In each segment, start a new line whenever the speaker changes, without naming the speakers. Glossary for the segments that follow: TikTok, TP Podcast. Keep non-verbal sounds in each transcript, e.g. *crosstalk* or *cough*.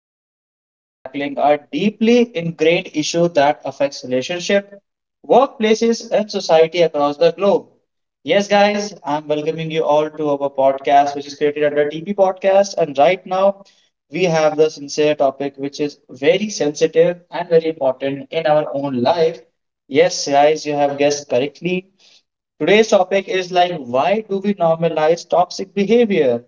episode where we are tackling a deeply ingrained issue that affects relationship, workplaces, and society across the globe. Yes, guys, I'm welcoming you all to our podcast, which is created under TP Podcast. And right now, we have the sincere topic, which is very sensitive and very important in our own life. Yes, guys, you have guessed correctly. Today's topic is like, why do we normalize toxic behavior?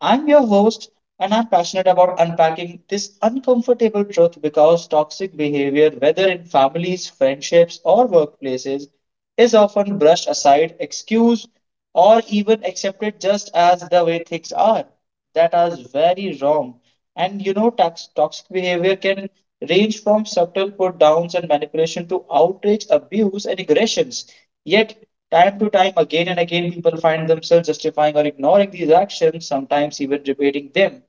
I'm your host, and I'm passionate about unpacking this uncomfortable truth because toxic behavior, whether in families, friendships, or workplaces, is often brushed aside, excused, or even accepted just as the way things are. That is very wrong. And you know, toxic behavior can range from subtle put downs and manipulation to outrage, abuse, and aggressions. Yet, time to time, again and again, people find themselves justifying or ignoring these actions, sometimes even repeating them.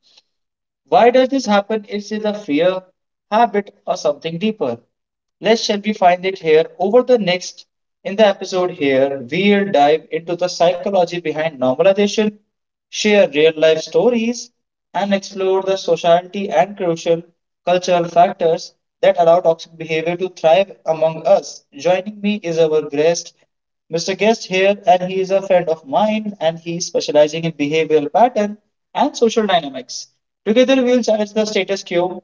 Why does this happen? Is it a fear, habit, or something deeper? Let's shall we find it here over the next in the episode here we'll dive into the psychology behind normalization, share real life stories, and explore the sociality and crucial cultural factors that allow toxic behavior to thrive among us. Joining me is our guest Mr. Guest here, and he is a friend of mine, and he is specializing in behavioral pattern and social dynamics. Together, we will challenge the status quo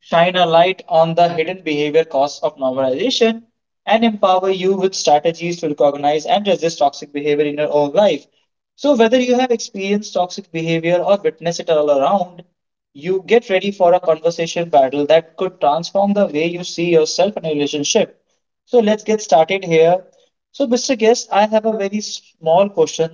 shine a light on the hidden behavior costs of normalization, and empower you with strategies to recognize and resist toxic behavior in your own life. So, whether you have experienced toxic behavior or witnessed it all around, you get ready for a conversation battle that could transform the way you see yourself in a relationship. So, let's get started here. So, Mr. Guest, I have a very small question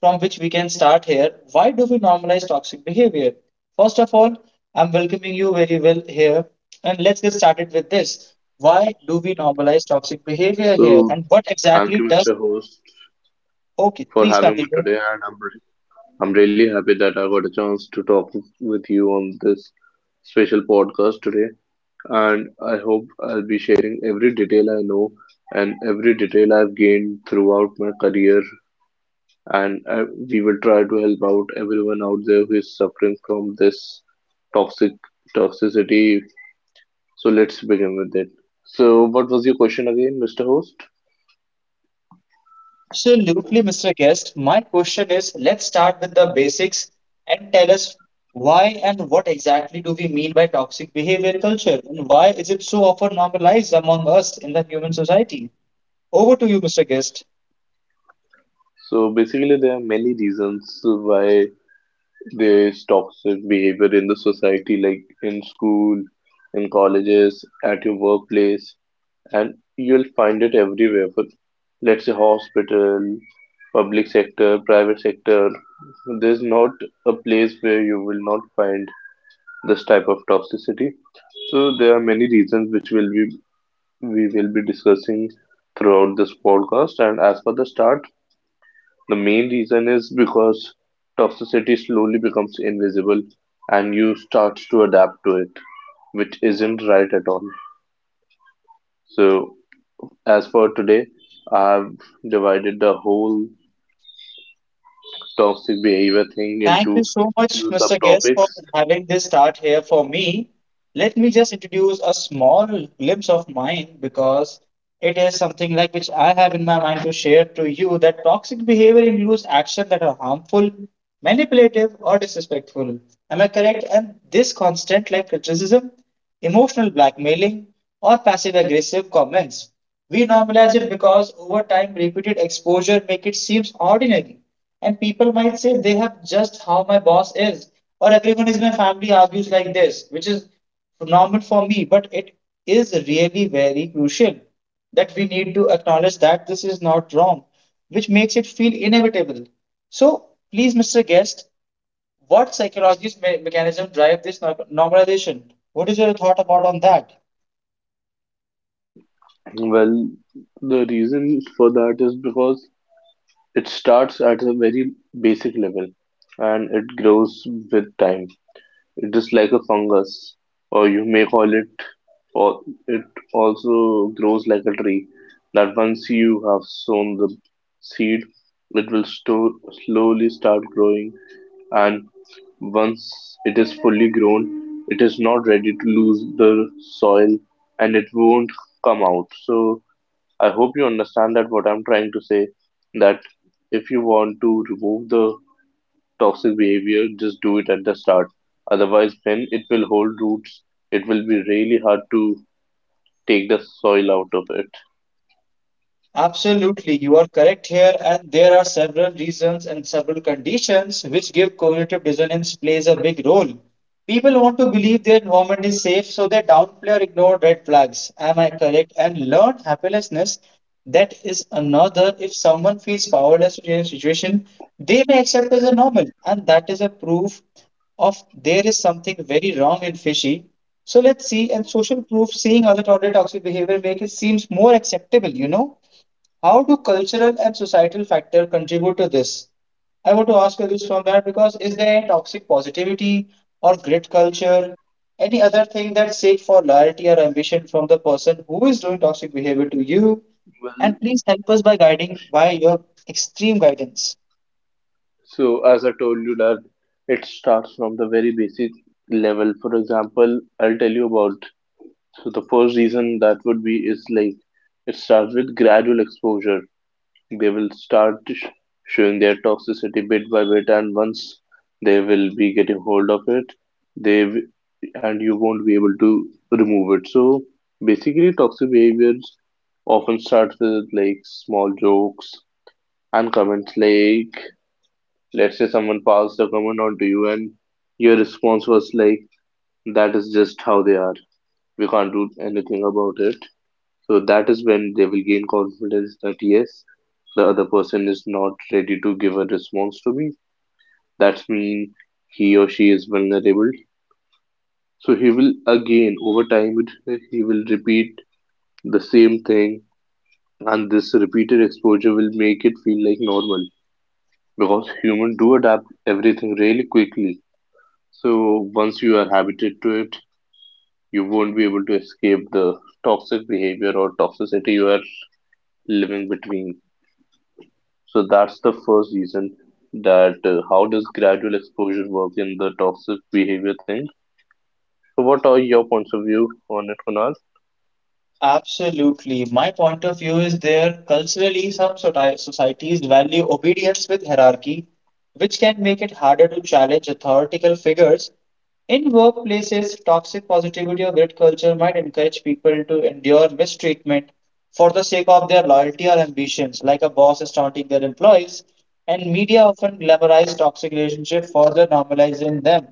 from which we can start here. Why do we normalize toxic behavior? First of all, I'm welcoming you very well here. And let's get started with this. Why do we normalize toxic behavior here?
So,
And what
thank
exactly
you,
does.
Mr. Host,
Okay,
for
please
having me
continue.
today, and I'm really happy that I got a chance to talk with you on this special podcast today. And I hope I'll be sharing every detail I know and every detail I've gained throughout my career. And we will try to help out everyone out there who is suffering from this toxic toxicity. So let's begin with it. So, what was your question again, Mr. Host?
Absolutely, Mr. Guest. My question is let's start with the basics and tell us why and what exactly do we mean by toxic behavior culture? And why is it so often normalized among us in the human society? Over to you, Mr. Guest.
So basically, there are many reasons why there is toxic behavior in the society, like in school, in colleges, at your workplace, and you'll find it everywhere. For let's say hospital, public sector, private sector, there's not a place where you will not find this type of toxicity. So there are many reasons which will be we will be discussing throughout this podcast. And as for the start, the main reason is because toxicity slowly becomes invisible and you start to adapt to it, which isn't right at all. So, as for today, I've divided the whole toxic behavior thing
Thank you
into
so much,
few
Mr. Guest, for
subtopics.
having this start here for me. Let me just introduce a small glimpse of mine because it is something like which I have in my mind to share to you that toxic behavior includes actions that are harmful, manipulative, or disrespectful. Am I correct? And this constant like criticism, emotional blackmailing, or passive aggressive comments. We normalize it because over time repeated exposure make it seems ordinary and people might say they have just how my boss is, or everyone in my family argues like this, which is normal for me. But it is really very crucial that we need to acknowledge that this is not wrong, which makes it feel inevitable. So, please, Mr. Guest, what psychological mechanism drive this normalization? What is your thought about on that?
Well, the reason for that is because it starts at a very basic level and it grows with time. It is like a fungus, or you may call it, or it also grows like a tree. That once you have sown the seed, it will sto- slowly start growing, and once it is fully grown, it is not ready to lose the soil and it won't come out. So, I hope you understand that what I'm trying to say that if you want to remove the toxic behavior, just do it at the start. Otherwise, when it will hold roots, it will be really hard to take the soil out of it.
Absolutely, you are correct here, and there are several reasons and several conditions which give cognitive dissonance plays a big role. People want to believe their environment is safe, so they downplay or ignore red flags. Am I correct? And learn happinessness. That is another. If someone feels powerless in a situation, they may accept as a normal, and that is a proof of there is something very wrong and fishy. So let's see. And social proof, seeing other tolerate toxic behavior, make it seems more acceptable. You know. How do cultural and societal factor contribute to this? I want to ask you this from that because is there toxic positivity or grit culture? Any other thing that seek for loyalty or ambition from the person who is doing toxic behavior to you? And
Well,
please help us by guiding by your extreme guidance.
so as I told you that it starts from the very basic level. For example, I'll tell you about so the first reason that would be is like it starts with gradual exposure. They will showing their toxicity bit by bit, and once they will be getting hold of it, they w- and you won't be able to remove it. So basically, toxic behaviors often starts with like small jokes and comments like let's say someone passed a comment on to you and your response was like that is just how they are, we can't do anything about it, so that is when they will gain confidence that yes, the other person is not ready to give a response to me. That's mean he or she is vulnerable. So he will again over he will repeat the same thing, and this repeated exposure will make it feel like normal because humans do adapt everything really quickly. So once you are habited to it, you won't be able to escape the toxic behavior or toxicity you are living between. So that's the first reason that how does gradual exposure work in the toxic behavior thing? So what are your points of view on it, Kunal?
Absolutely. My point of view is there culturally some societies value obedience with hierarchy, which can make it harder to challenge authoritative figures. In workplaces, toxic positivity or grit culture might encourage people to endure mistreatment for the sake of their loyalty or ambitions, like a boss is taunting their employees, and media often glamorize toxic relationships, further normalizing them.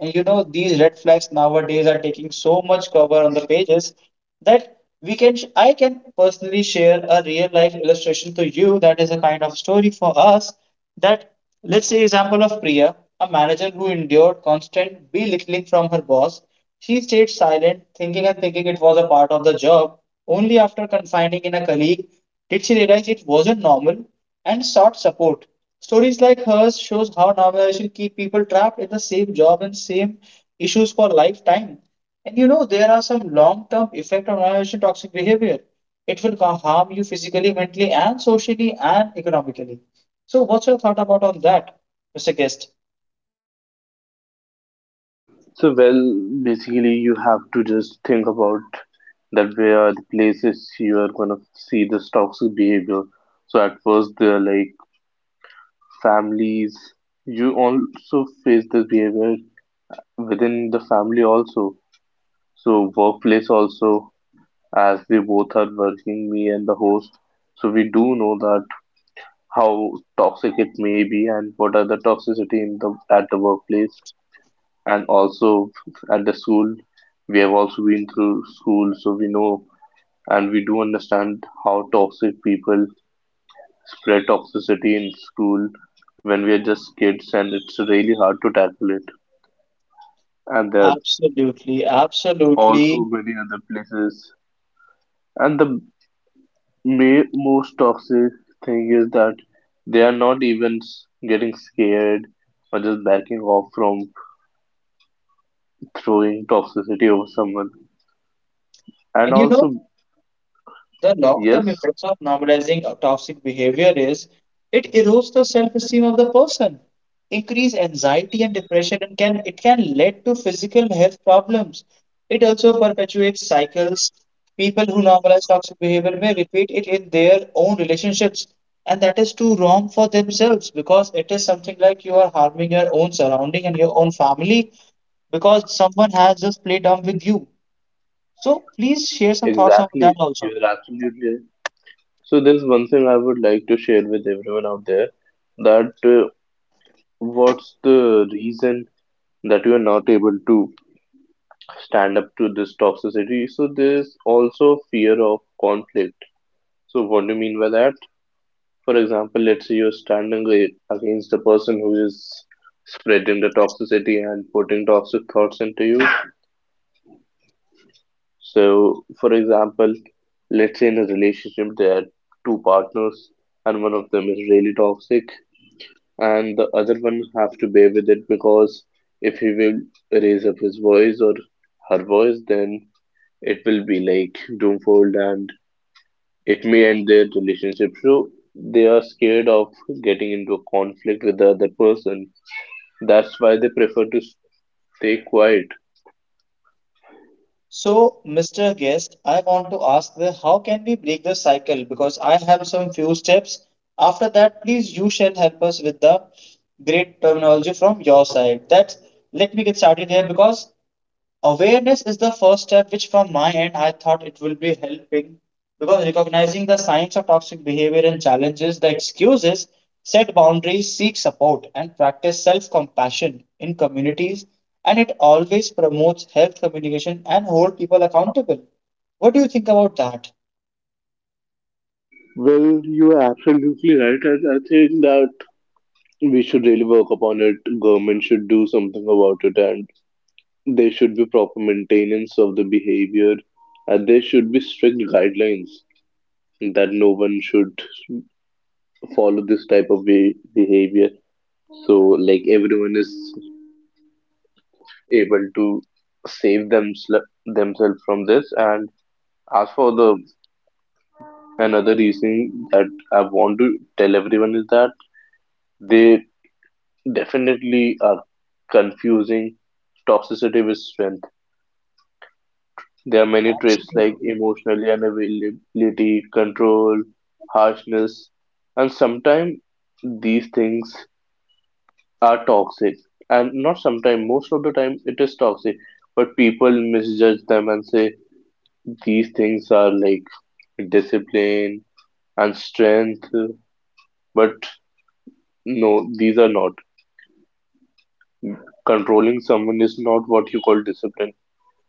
And you know, these red flags nowadays are taking so much cover on the pages that we can I can personally share a real life illustration to you that is a kind of story for us that. Let's say example of Priya, a manager who endured constant belittling from her boss. She stayed silent, thinking and thinking it was a part of the job. Only after confiding in a colleague did she realize it wasn't normal and sought support. Stories like hers shows how normalization keep people trapped in the same job and same issues for lifetime. And you know there are some long-term effect of normalization toxic behavior. It will harm you physically, mentally, and socially and economically. So, what's your thought about on that, Mr. Guest?
So well, basically you have to just think about that where are the places you are gonna see this toxic behavior. So at first they're like families. You also face this behavior within the family also. So workplace also, as they both are working, me and the host. So we do know that how toxic it may be and what are the toxicity in the at the workplace, and also at the school. We have also been through school, so we know and we do understand how toxic people spread toxicity in school when we are just kids, and it's really hard to tackle it. And there are
Absolutely,
also
absolutely.
many other places, and the most toxic thing is that they are not even getting scared or just backing off from throwing toxicity over someone. And
And you know,
also,
the long
yes,
term effects of normalizing toxic behavior is it erodes the self esteem of the person, increase anxiety and depression, and can it can lead to physical health problems. It also perpetuates cycles. People who normalize toxic behavior may repeat it in their own relationships, and that is too wrong for themselves because it is something like you are harming your own surrounding and your own family because someone has just played dumb with you. So please share some thoughts on
exactly,
that also.
you're absolutely right. So there's one thing I would like to share with everyone out there that what's the reason that you are not able to stand up to this toxicity? So there's also fear of conflict. So what do you mean by that? For example, let's say you're against the person who is spreading the toxicity and putting toxic thoughts into you. So, for example, let's say in a relationship there are two partners and one of them is really toxic and the other one have to bear with it, because if he will raise up his voice or her voice, then it will be like doomfold and it may end their relationship. So they are scared of getting into a conflict with the other person. That's why they prefer to stay quiet.
So, Mr. Guest, I want to ask the how can we break the cycle? Because I have some few steps. After that, please you shall help us with the great terminology from your side. That let me get started here because awareness is the first step which from my end I thought it will be helping because recognizing the signs of toxic behavior and challenges the excuses, set boundaries, seek support and practice self-compassion in communities, and it always promotes health communication and hold people accountable. What do you think about that?
Well, you are absolutely right, and I think that we should really work upon it. Government should do something about it, and there should be proper maintenance of the behavior, and there should be strict guidelines that no one should follow this type of behavior. So, like everyone is able to save themsel- themselves from this. And as for the another reason that I want to tell everyone is that they definitely are confusing toxicity with strength. There are many traits like
Absolutely.
emotional unavailability, control, harshness, and sometimes these things are toxic. And not sometimes, most of the time it is toxic. But people misjudge them and say these things are like discipline and strength. But no, these are not. Controlling someone is not what you call discipline.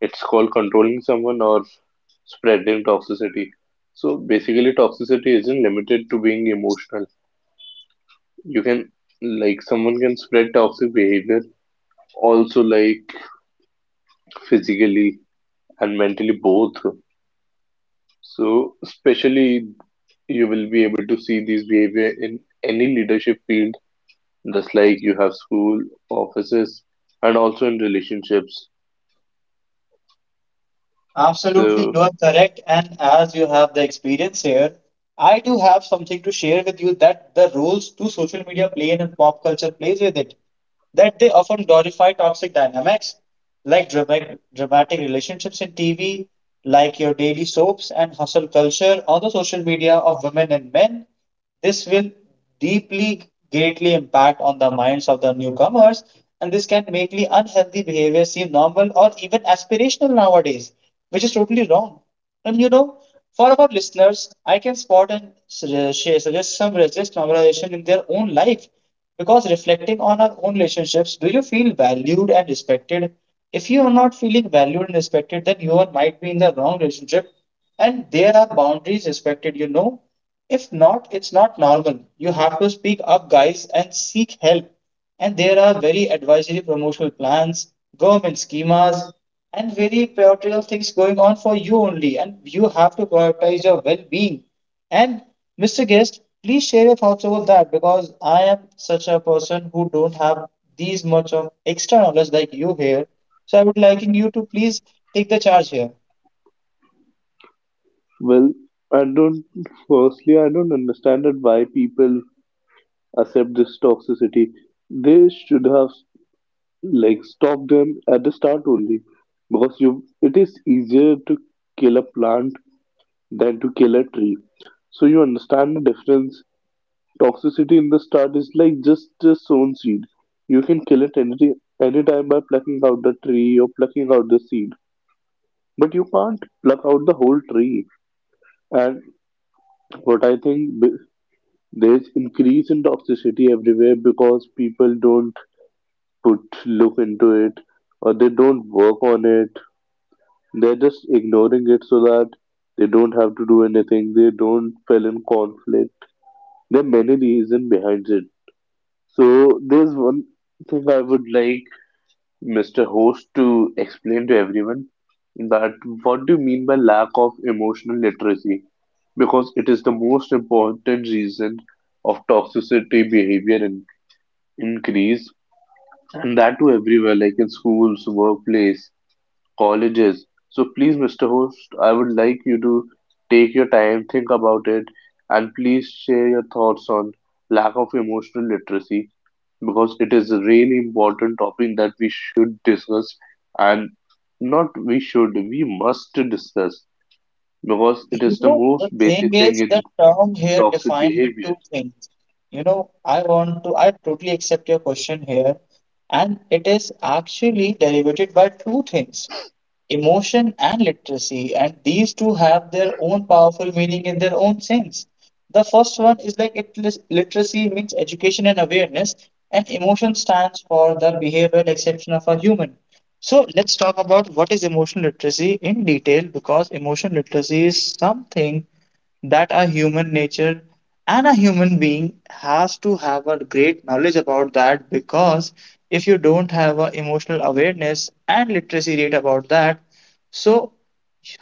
It's called controlling someone or spreading toxicity. So basically, toxicity isn't limited to being emotional. You can, like, someone can spread toxic behavior also, like, physically and mentally both. So, especially, you will be able to see these behavior in any leadership field, just like you have school, offices, and also in relationships.
Absolutely, you
So,
are correct. And as you have the experience here, I do have something to share with you that the roles to social media play in and pop culture plays with it. That they often glorify toxic dynamics like dramatic relationships in TV, like your daily soaps and hustle culture on the social media of women and men. This will deeply greatly impact on the minds of the newcomers, and this can make the unhealthy behavior seem normal or even aspirational nowadays, which is totally wrong. And you know, for our listeners, I can spot and share suggest some resist normalization in their own life because reflecting on our own relationships, do you feel valued and respected? If you are not feeling valued and respected, then might be in the wrong relationship, and there are boundaries respected, you know. If not, it's not normal. You have to speak up, guys, and seek help. And there are very advisory promotional plans, government schemas, and very patriarchal things going on for you only. And you have to prioritize your well being. And Mr. Guest, please share your thoughts about that because I am such a person who don't have these much of extra knowledge like you here. So I would liking you to please take the charge here.
well, I don't, firstly, I don't understand that why people accept this toxicity. They should have like stopped them at the start only, because you it is easier to kill a plant than to kill a tree. So you understand the difference. Toxicity in the start is like just a sown seed. You can kill it any anytime by plucking out the tree or plucking out the seed, but you can't pluck out the whole tree. And what I there's increase in toxicity everywhere because people don't put look into it, or they don't work on it, they're just ignoring it so that they don't have to do anything, they don't fell in conflict. There are many reasons behind it. So there's one thing I would like Mr. Host to explain to everyone that what do you mean by lack of emotional literacy, because it is the most important reason of toxicity increase, and that to everywhere like in schools, workplace, colleges. So please, Mr. Host, I would like you to take your time, think about it, and please share your thoughts on lack of emotional literacy, because it is a really important topic that we should discuss, and not we should, we must discuss because it
You
is the
know,
most
the thing
basic thing
is, the
in
term here
toxic
defined the
behavior.
two things. You know, I totally accept your question here, and it is actually derivated by two things, emotion and literacy, and these two have their own powerful meaning in their own sense. The first one is like it literacy means education and awareness, and emotion stands for the behavioral exception of a human. So let's talk about what is emotional literacy in detail, because emotional literacy is something that a human nature and a human being has to have a great knowledge about that, because if you don't have a emotional awareness and literacy rate about that. So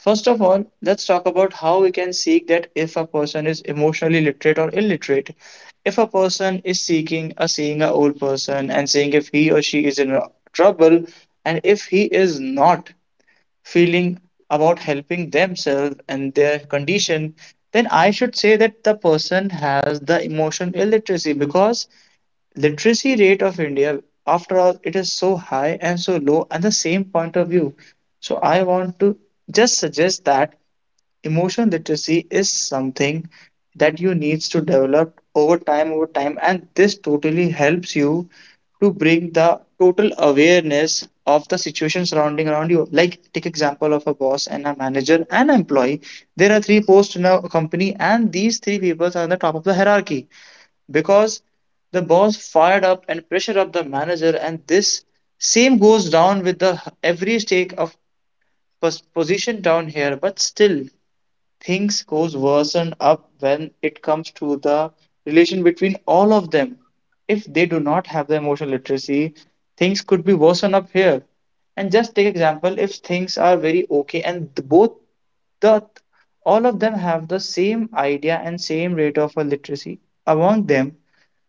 first of all, let's talk about how we can seek that if a person is emotionally literate or illiterate. If a person is seeking a seeing a old person and seeing if he or she is in trouble, and if he is not feeling about helping themselves and their condition, then I should say that the person has the emotion illiteracy because literacy rate of India, after all, it is so high and so low at the same point of view. So I want to just suggest that emotion literacy is something that you needs to develop over time, and this totally helps you to bring the total awareness of the situation surrounding around you. Like, take example of a boss and a manager and employee. There are three posts in a company, and these three people are on the top of the hierarchy, because the boss fired up and pressured up the manager, and this same goes down with the every stake of position down here. But still things goes worsen up when it comes to the relation between all of them. If they do not have the emotional literacy, things could be worsen up here. And just take example, if things are very okay and both the all of them have the same idea and same rate of a literacy among them,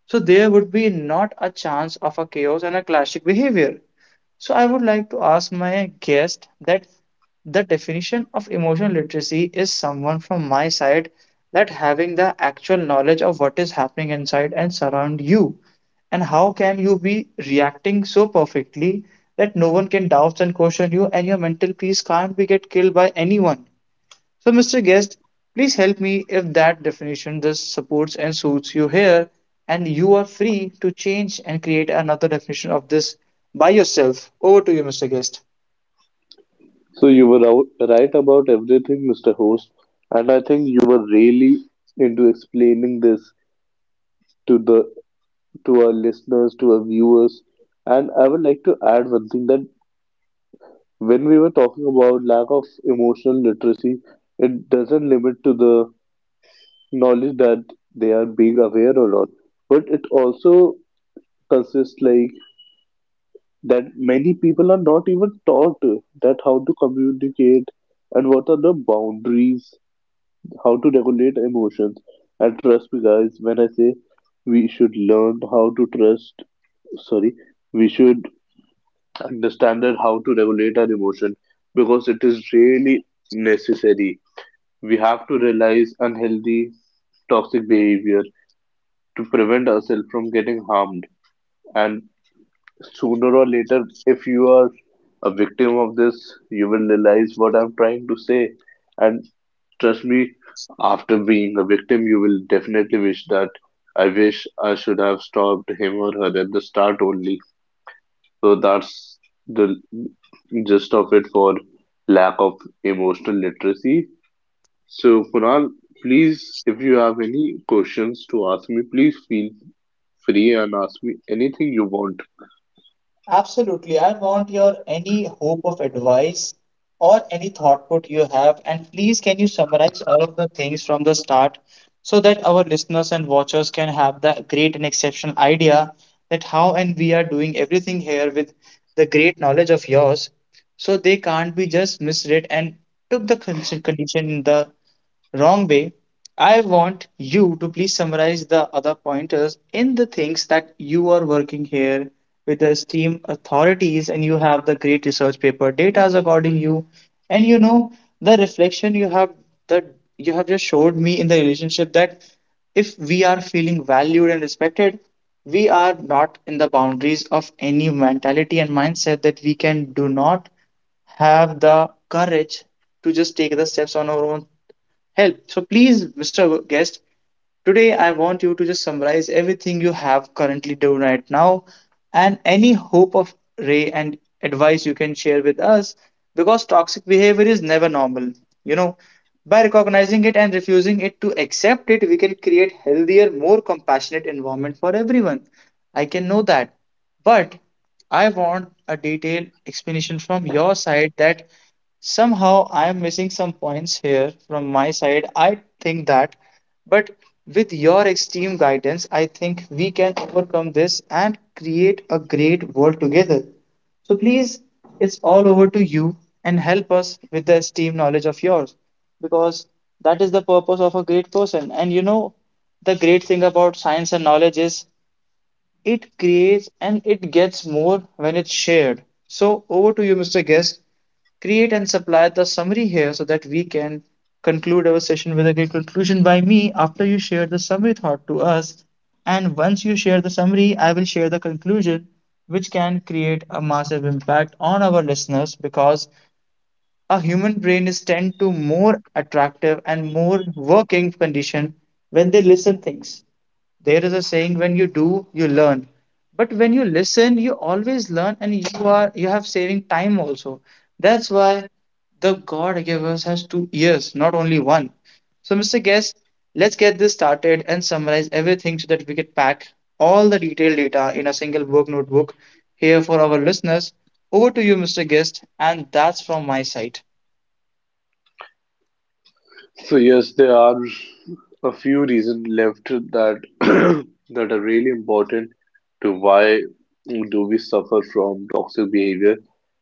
so there would be not a chance of a chaos and a classic behavior. So I would like to ask my guest that the definition of emotional literacy is someone from my side, that having the actual knowledge of what is happening inside and surround you, and how can you be reacting so perfectly that no one can doubt and question you, and your mental peace can't be get killed by anyone. So, Mr. Guest, please help me if that definition just supports and suits you here, and you are free to change and create another definition of this by yourself. Over to you, Mr. Guest.
So you were out, right about everything, Mr. Host, and I think you were really into explaining this to the to our listeners, to our viewers. And I would like to add one thing that when we were talking about lack of emotional literacy, it doesn't limit to the knowledge that they are being aware or not, but it also consists like that many people are not even taught that how to communicate and what are the boundaries, how to regulate emotions. And trust me, guys, when I say we should learn how to trust, sorry, we should understanded how to regulate our emotion, because it is really necessary. We have to realize unhealthy, toxic behavior to prevent ourselves from getting harmed. And sooner or later, if you are a victim of this, you will realize what I'm trying to say. And trust me, after being a victim, you will definitely wish that I wish I should have stopped him or her at the start only. So that's the gist of it for lack of emotional literacy. So, Kunal, please, if you have any questions to ask me, please feel free and ask me anything you want.
Absolutely. I want your any hope of advice or any thought put you have. And please, can you summarize all of the things from the start, so that our listeners and watchers can have the great and exceptional idea that how and we are doing everything here with the great knowledge of yours. So they can't be just misread and took the condition in the wrong way. I want you to please summarize the other pointers in the things that you are working here with the STEAM authorities, and you have the great research paper data is according you, and you know the reflection you have, that you have just showed me in the relationship, that if we are feeling valued and respected, we are not in the boundaries of any mentality and mindset, that we can do not have the courage to just take the steps on our own help. So please, Mr. Guest, today, I want you to just summarize everything you have currently done right now, and any hope of ray and advice you can share with us, because toxic behavior is never normal. You know, by recognizing it and refusing it to accept it, we can create healthier, more compassionate environment for everyone. I can know that. But I want a detailed explanation from your side, that somehow I am missing some points here from my side, I think that. But with your extreme guidance, I think we can overcome this and create a great world together. So please, it's all over to you, and help us with the esteemed knowledge of yours, because that is the purpose of a great person. And you know, the great thing about science and knowledge is it creates and it gets more when it's shared. So over to you, Mr. Guest. Create and supply the summary here so that we can conclude our session with a great conclusion by me after you share the summary thought to us. And once you share the summary, I will share the conclusion, which can create a massive impact on our listeners, because a human brain is tend to more attractive and more working condition when they listen things. There is a saying, when you do you learn, but when you listen you always learn, and you have saving time also. That's why the god gave us has 2 ears, not only one. So, Mr. Guest, let's get this started and summarize everything, so that we can pack all the detailed data in a single work notebook here for our listeners. Over to you, Mr. Guest, and that's from my side.
So yes, there are a few reasons left that *clears throat* that are really important to why do we suffer from toxic behavior.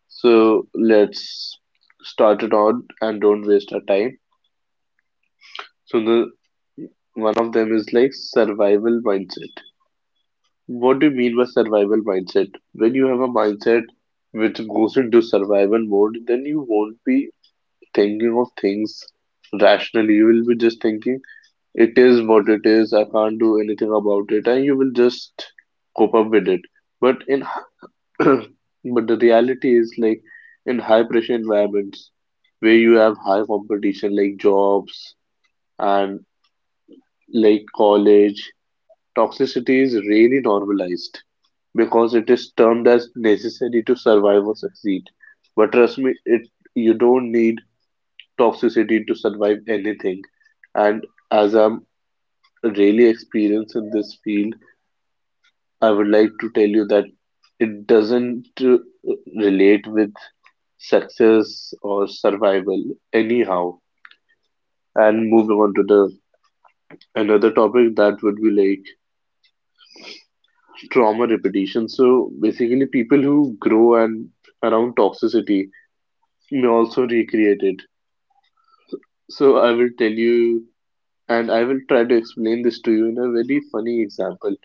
So let's start it on and don't waste our time. So the One of them is like survival mindset. What do you mean by survival mindset? When you have a mindset which goes into survival mode, then you won't be thinking of things rationally. You will be just thinking, it is what it is, I can't do anything about it, and you will just cope up with it. But in *clears throat* but the reality is like in high pressure environments where you have high competition like jobs and like college. Toxicity is rarely normalized, because it is termed as necessary to survive or succeed. But trust me, it you don't need toxicity to survive anything. And as I'm really experienced in this field, I would like to tell you that it doesn't relate with success or survival anyhow. And moving on to the another topic, that would be like trauma repetition. So basically, people who grow and around toxicity may also recreate it. So I will tell you, and I will try to explain this to you in a very funny example.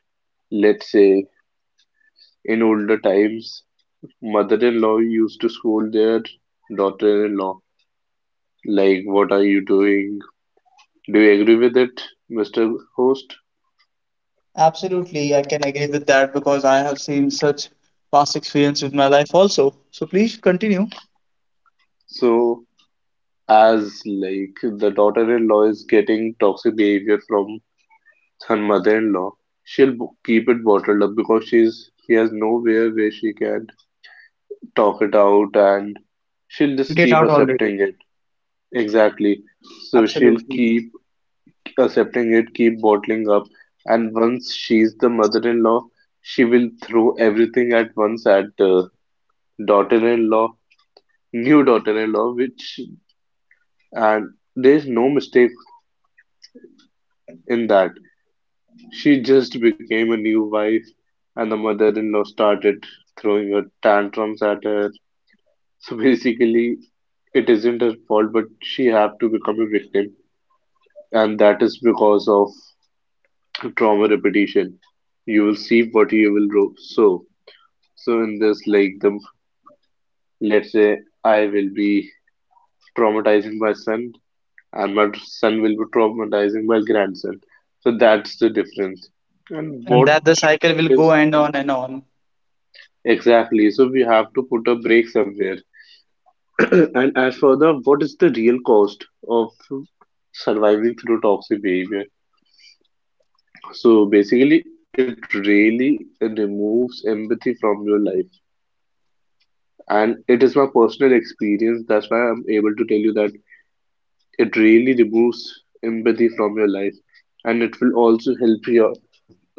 Let's say in older times, mother-in-law used to scold their daughter-in-law, like, "What are you doing? Do you agree with it, Mr. Host?"
Absolutely, I can agree with that because I have seen such past experience with my life also. So please continue.
So as like the daughter-in-law is getting toxic behavior from her mother-in-law. She'll keep it bottled up because she has nowhere where she can talk it out, and she'll
Went
just
it
keep
out already.
accepting it. Exactly. So she'll
Absolutely.
keep accepting it, keep bottling up, and once she's the mother-in-law, she will throw everything at once at the daughter-in-law, new daughter-in-law, which and there's no mistake in that. She just became a new wife, and the mother-in-law started throwing her tantrums at her. So basically, it isn't her fault, but she have to become a victim, and that is because of trauma repetition. You will see what you will do. So in this, like the let's say I will be traumatizing my son, and my son will be traumatizing my grandson. So that's the difference. And
And
what
that the cycle will go
is
and on and on.
Exactly. So we have to put a break somewhere. *clears throat* And as further, what is the real cost of surviving through toxic behavior? So basically, it really removes empathy from your life. And it is my personal experience. That's why I'm able to tell you that it really removes empathy from your life. And it will also help your,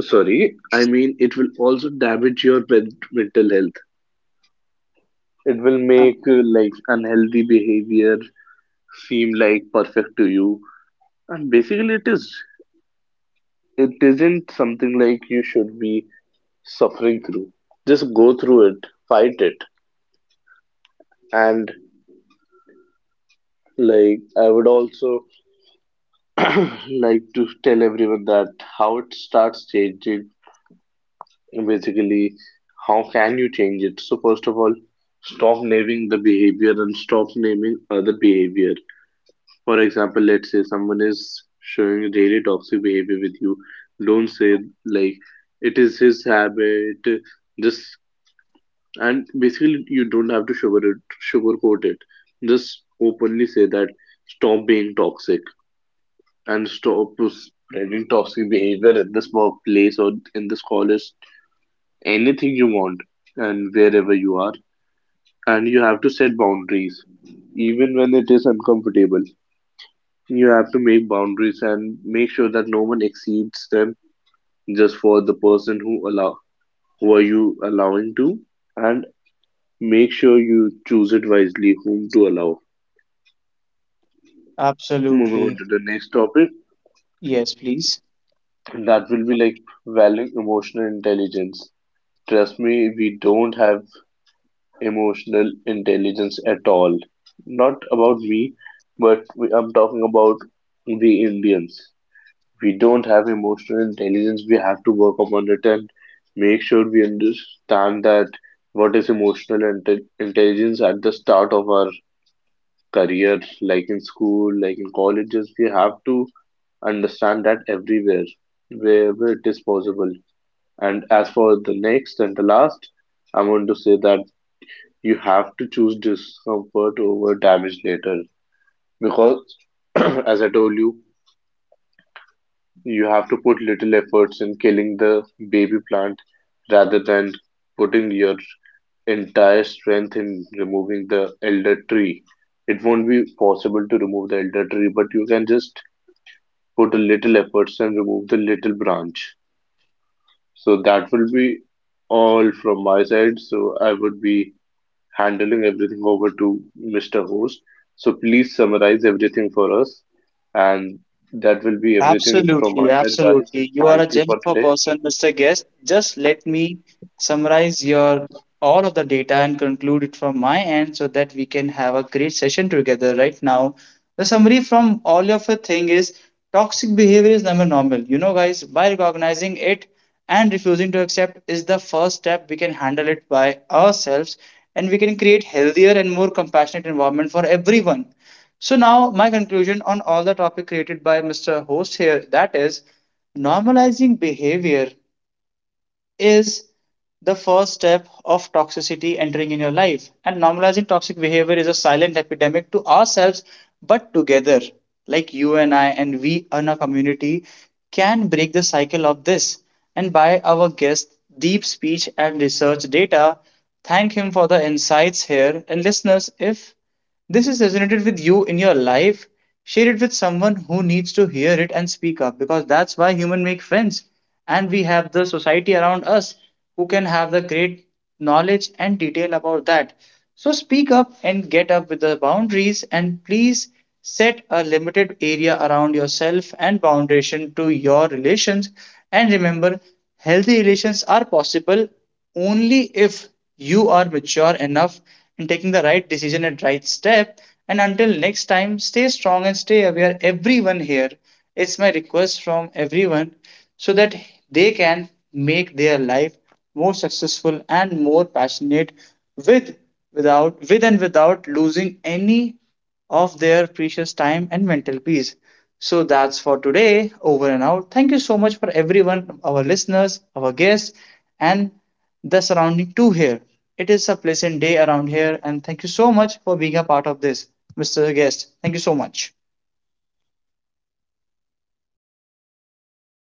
sorry, I mean, it will also damage your mental health. It will
Uh,
make like unhealthy behavior seem like perfect to you, and basically it isn't something like you should be suffering through. Just go through it, fight it, and like I would also *clears throat* like to tell everyone that how it starts changing, basically, how can you change it. So first of all, stop naming the behavior and stop naming other behavior. For example, let's say someone is showing really toxic behavior with you. Don't say like it is his habit. Just and basically you don't have to sugarcoat it. Just openly say that stop being toxic and stop spreading toxic behavior in this workplace or in this college. Anything you want and wherever you are. And you have to set boundaries even when it is uncomfortable. You have to make boundaries and make sure that no one exceeds them, just for the person who allow, who are you allowing to, and make sure you choose it wisely whom to allow. Moving
Absolutely.
on to the next topic,
Yes, please.
that will be like valuing emotional intelligence. Trust me, we don't have emotional intelligence at all. Not about me, but we, I'm talking about the Indians. We don't have emotional intelligence. We have to work upon it and make sure we understand that what is emotional intelligence at the start of our career, like in school, like in colleges. We have to understand that everywhere, wherever it is possible. And as for the next and the last, I want to say that you have to choose discomfort over damage later because, *clears throat* as I told you, you have to put little efforts in killing the baby plant rather than putting your entire strength in removing the elder tree. It won't be possible to remove the elder tree, but you can just put a little efforts and remove the little branch. So that will be all from my side. So I would be handling everything over to Mr. Host. So please summarize everything for us, and that will be everything from
Absolutely,
my side, guys.
absolutely. You are
Thank
a
you
gem
for
for
today.
person, Mr. Guest. Just let me summarize your all of the data and conclude it from my end, so that we can have a great session together right now. The summary from all of your thing is, toxic behavior is never normal. You know, guys, by recognizing it and refusing to accept is the first step we can handle it by ourselves, and we can create healthier and more compassionate environment for everyone. So now my conclusion on all the topic created by Mr. Host here that is, normalizing behavior is the first step of toxicity entering in your life, and normalizing toxic behavior is a silent epidemic to ourselves. But together, like you and I and we in a community, can break the cycle of this. And by our guest deep speech and research data, thank him for the insights here. And listeners, if this has resonated with you in your life, share it with someone who needs to hear it and speak up, because that's why humans make friends, and we have the society around us who can have the great knowledge and detail about that. So speak up and get up with the boundaries, and please set a limited area around yourself and foundation to your relations, and remember, healthy relations are possible only if you are mature enough in taking the right decision and right step. And until next time, stay strong and stay aware. Everyone here, it's my request from everyone, so that they can make their life more successful and more passionate with, without, with and without losing any of their precious time and mental peace. So that's for today. Over and out. Thank you so much for everyone, our listeners, our guests, and the surrounding too here. It is a pleasant day around here, and thank you so much for being a part of this, Mr. Guest. Thank you so much.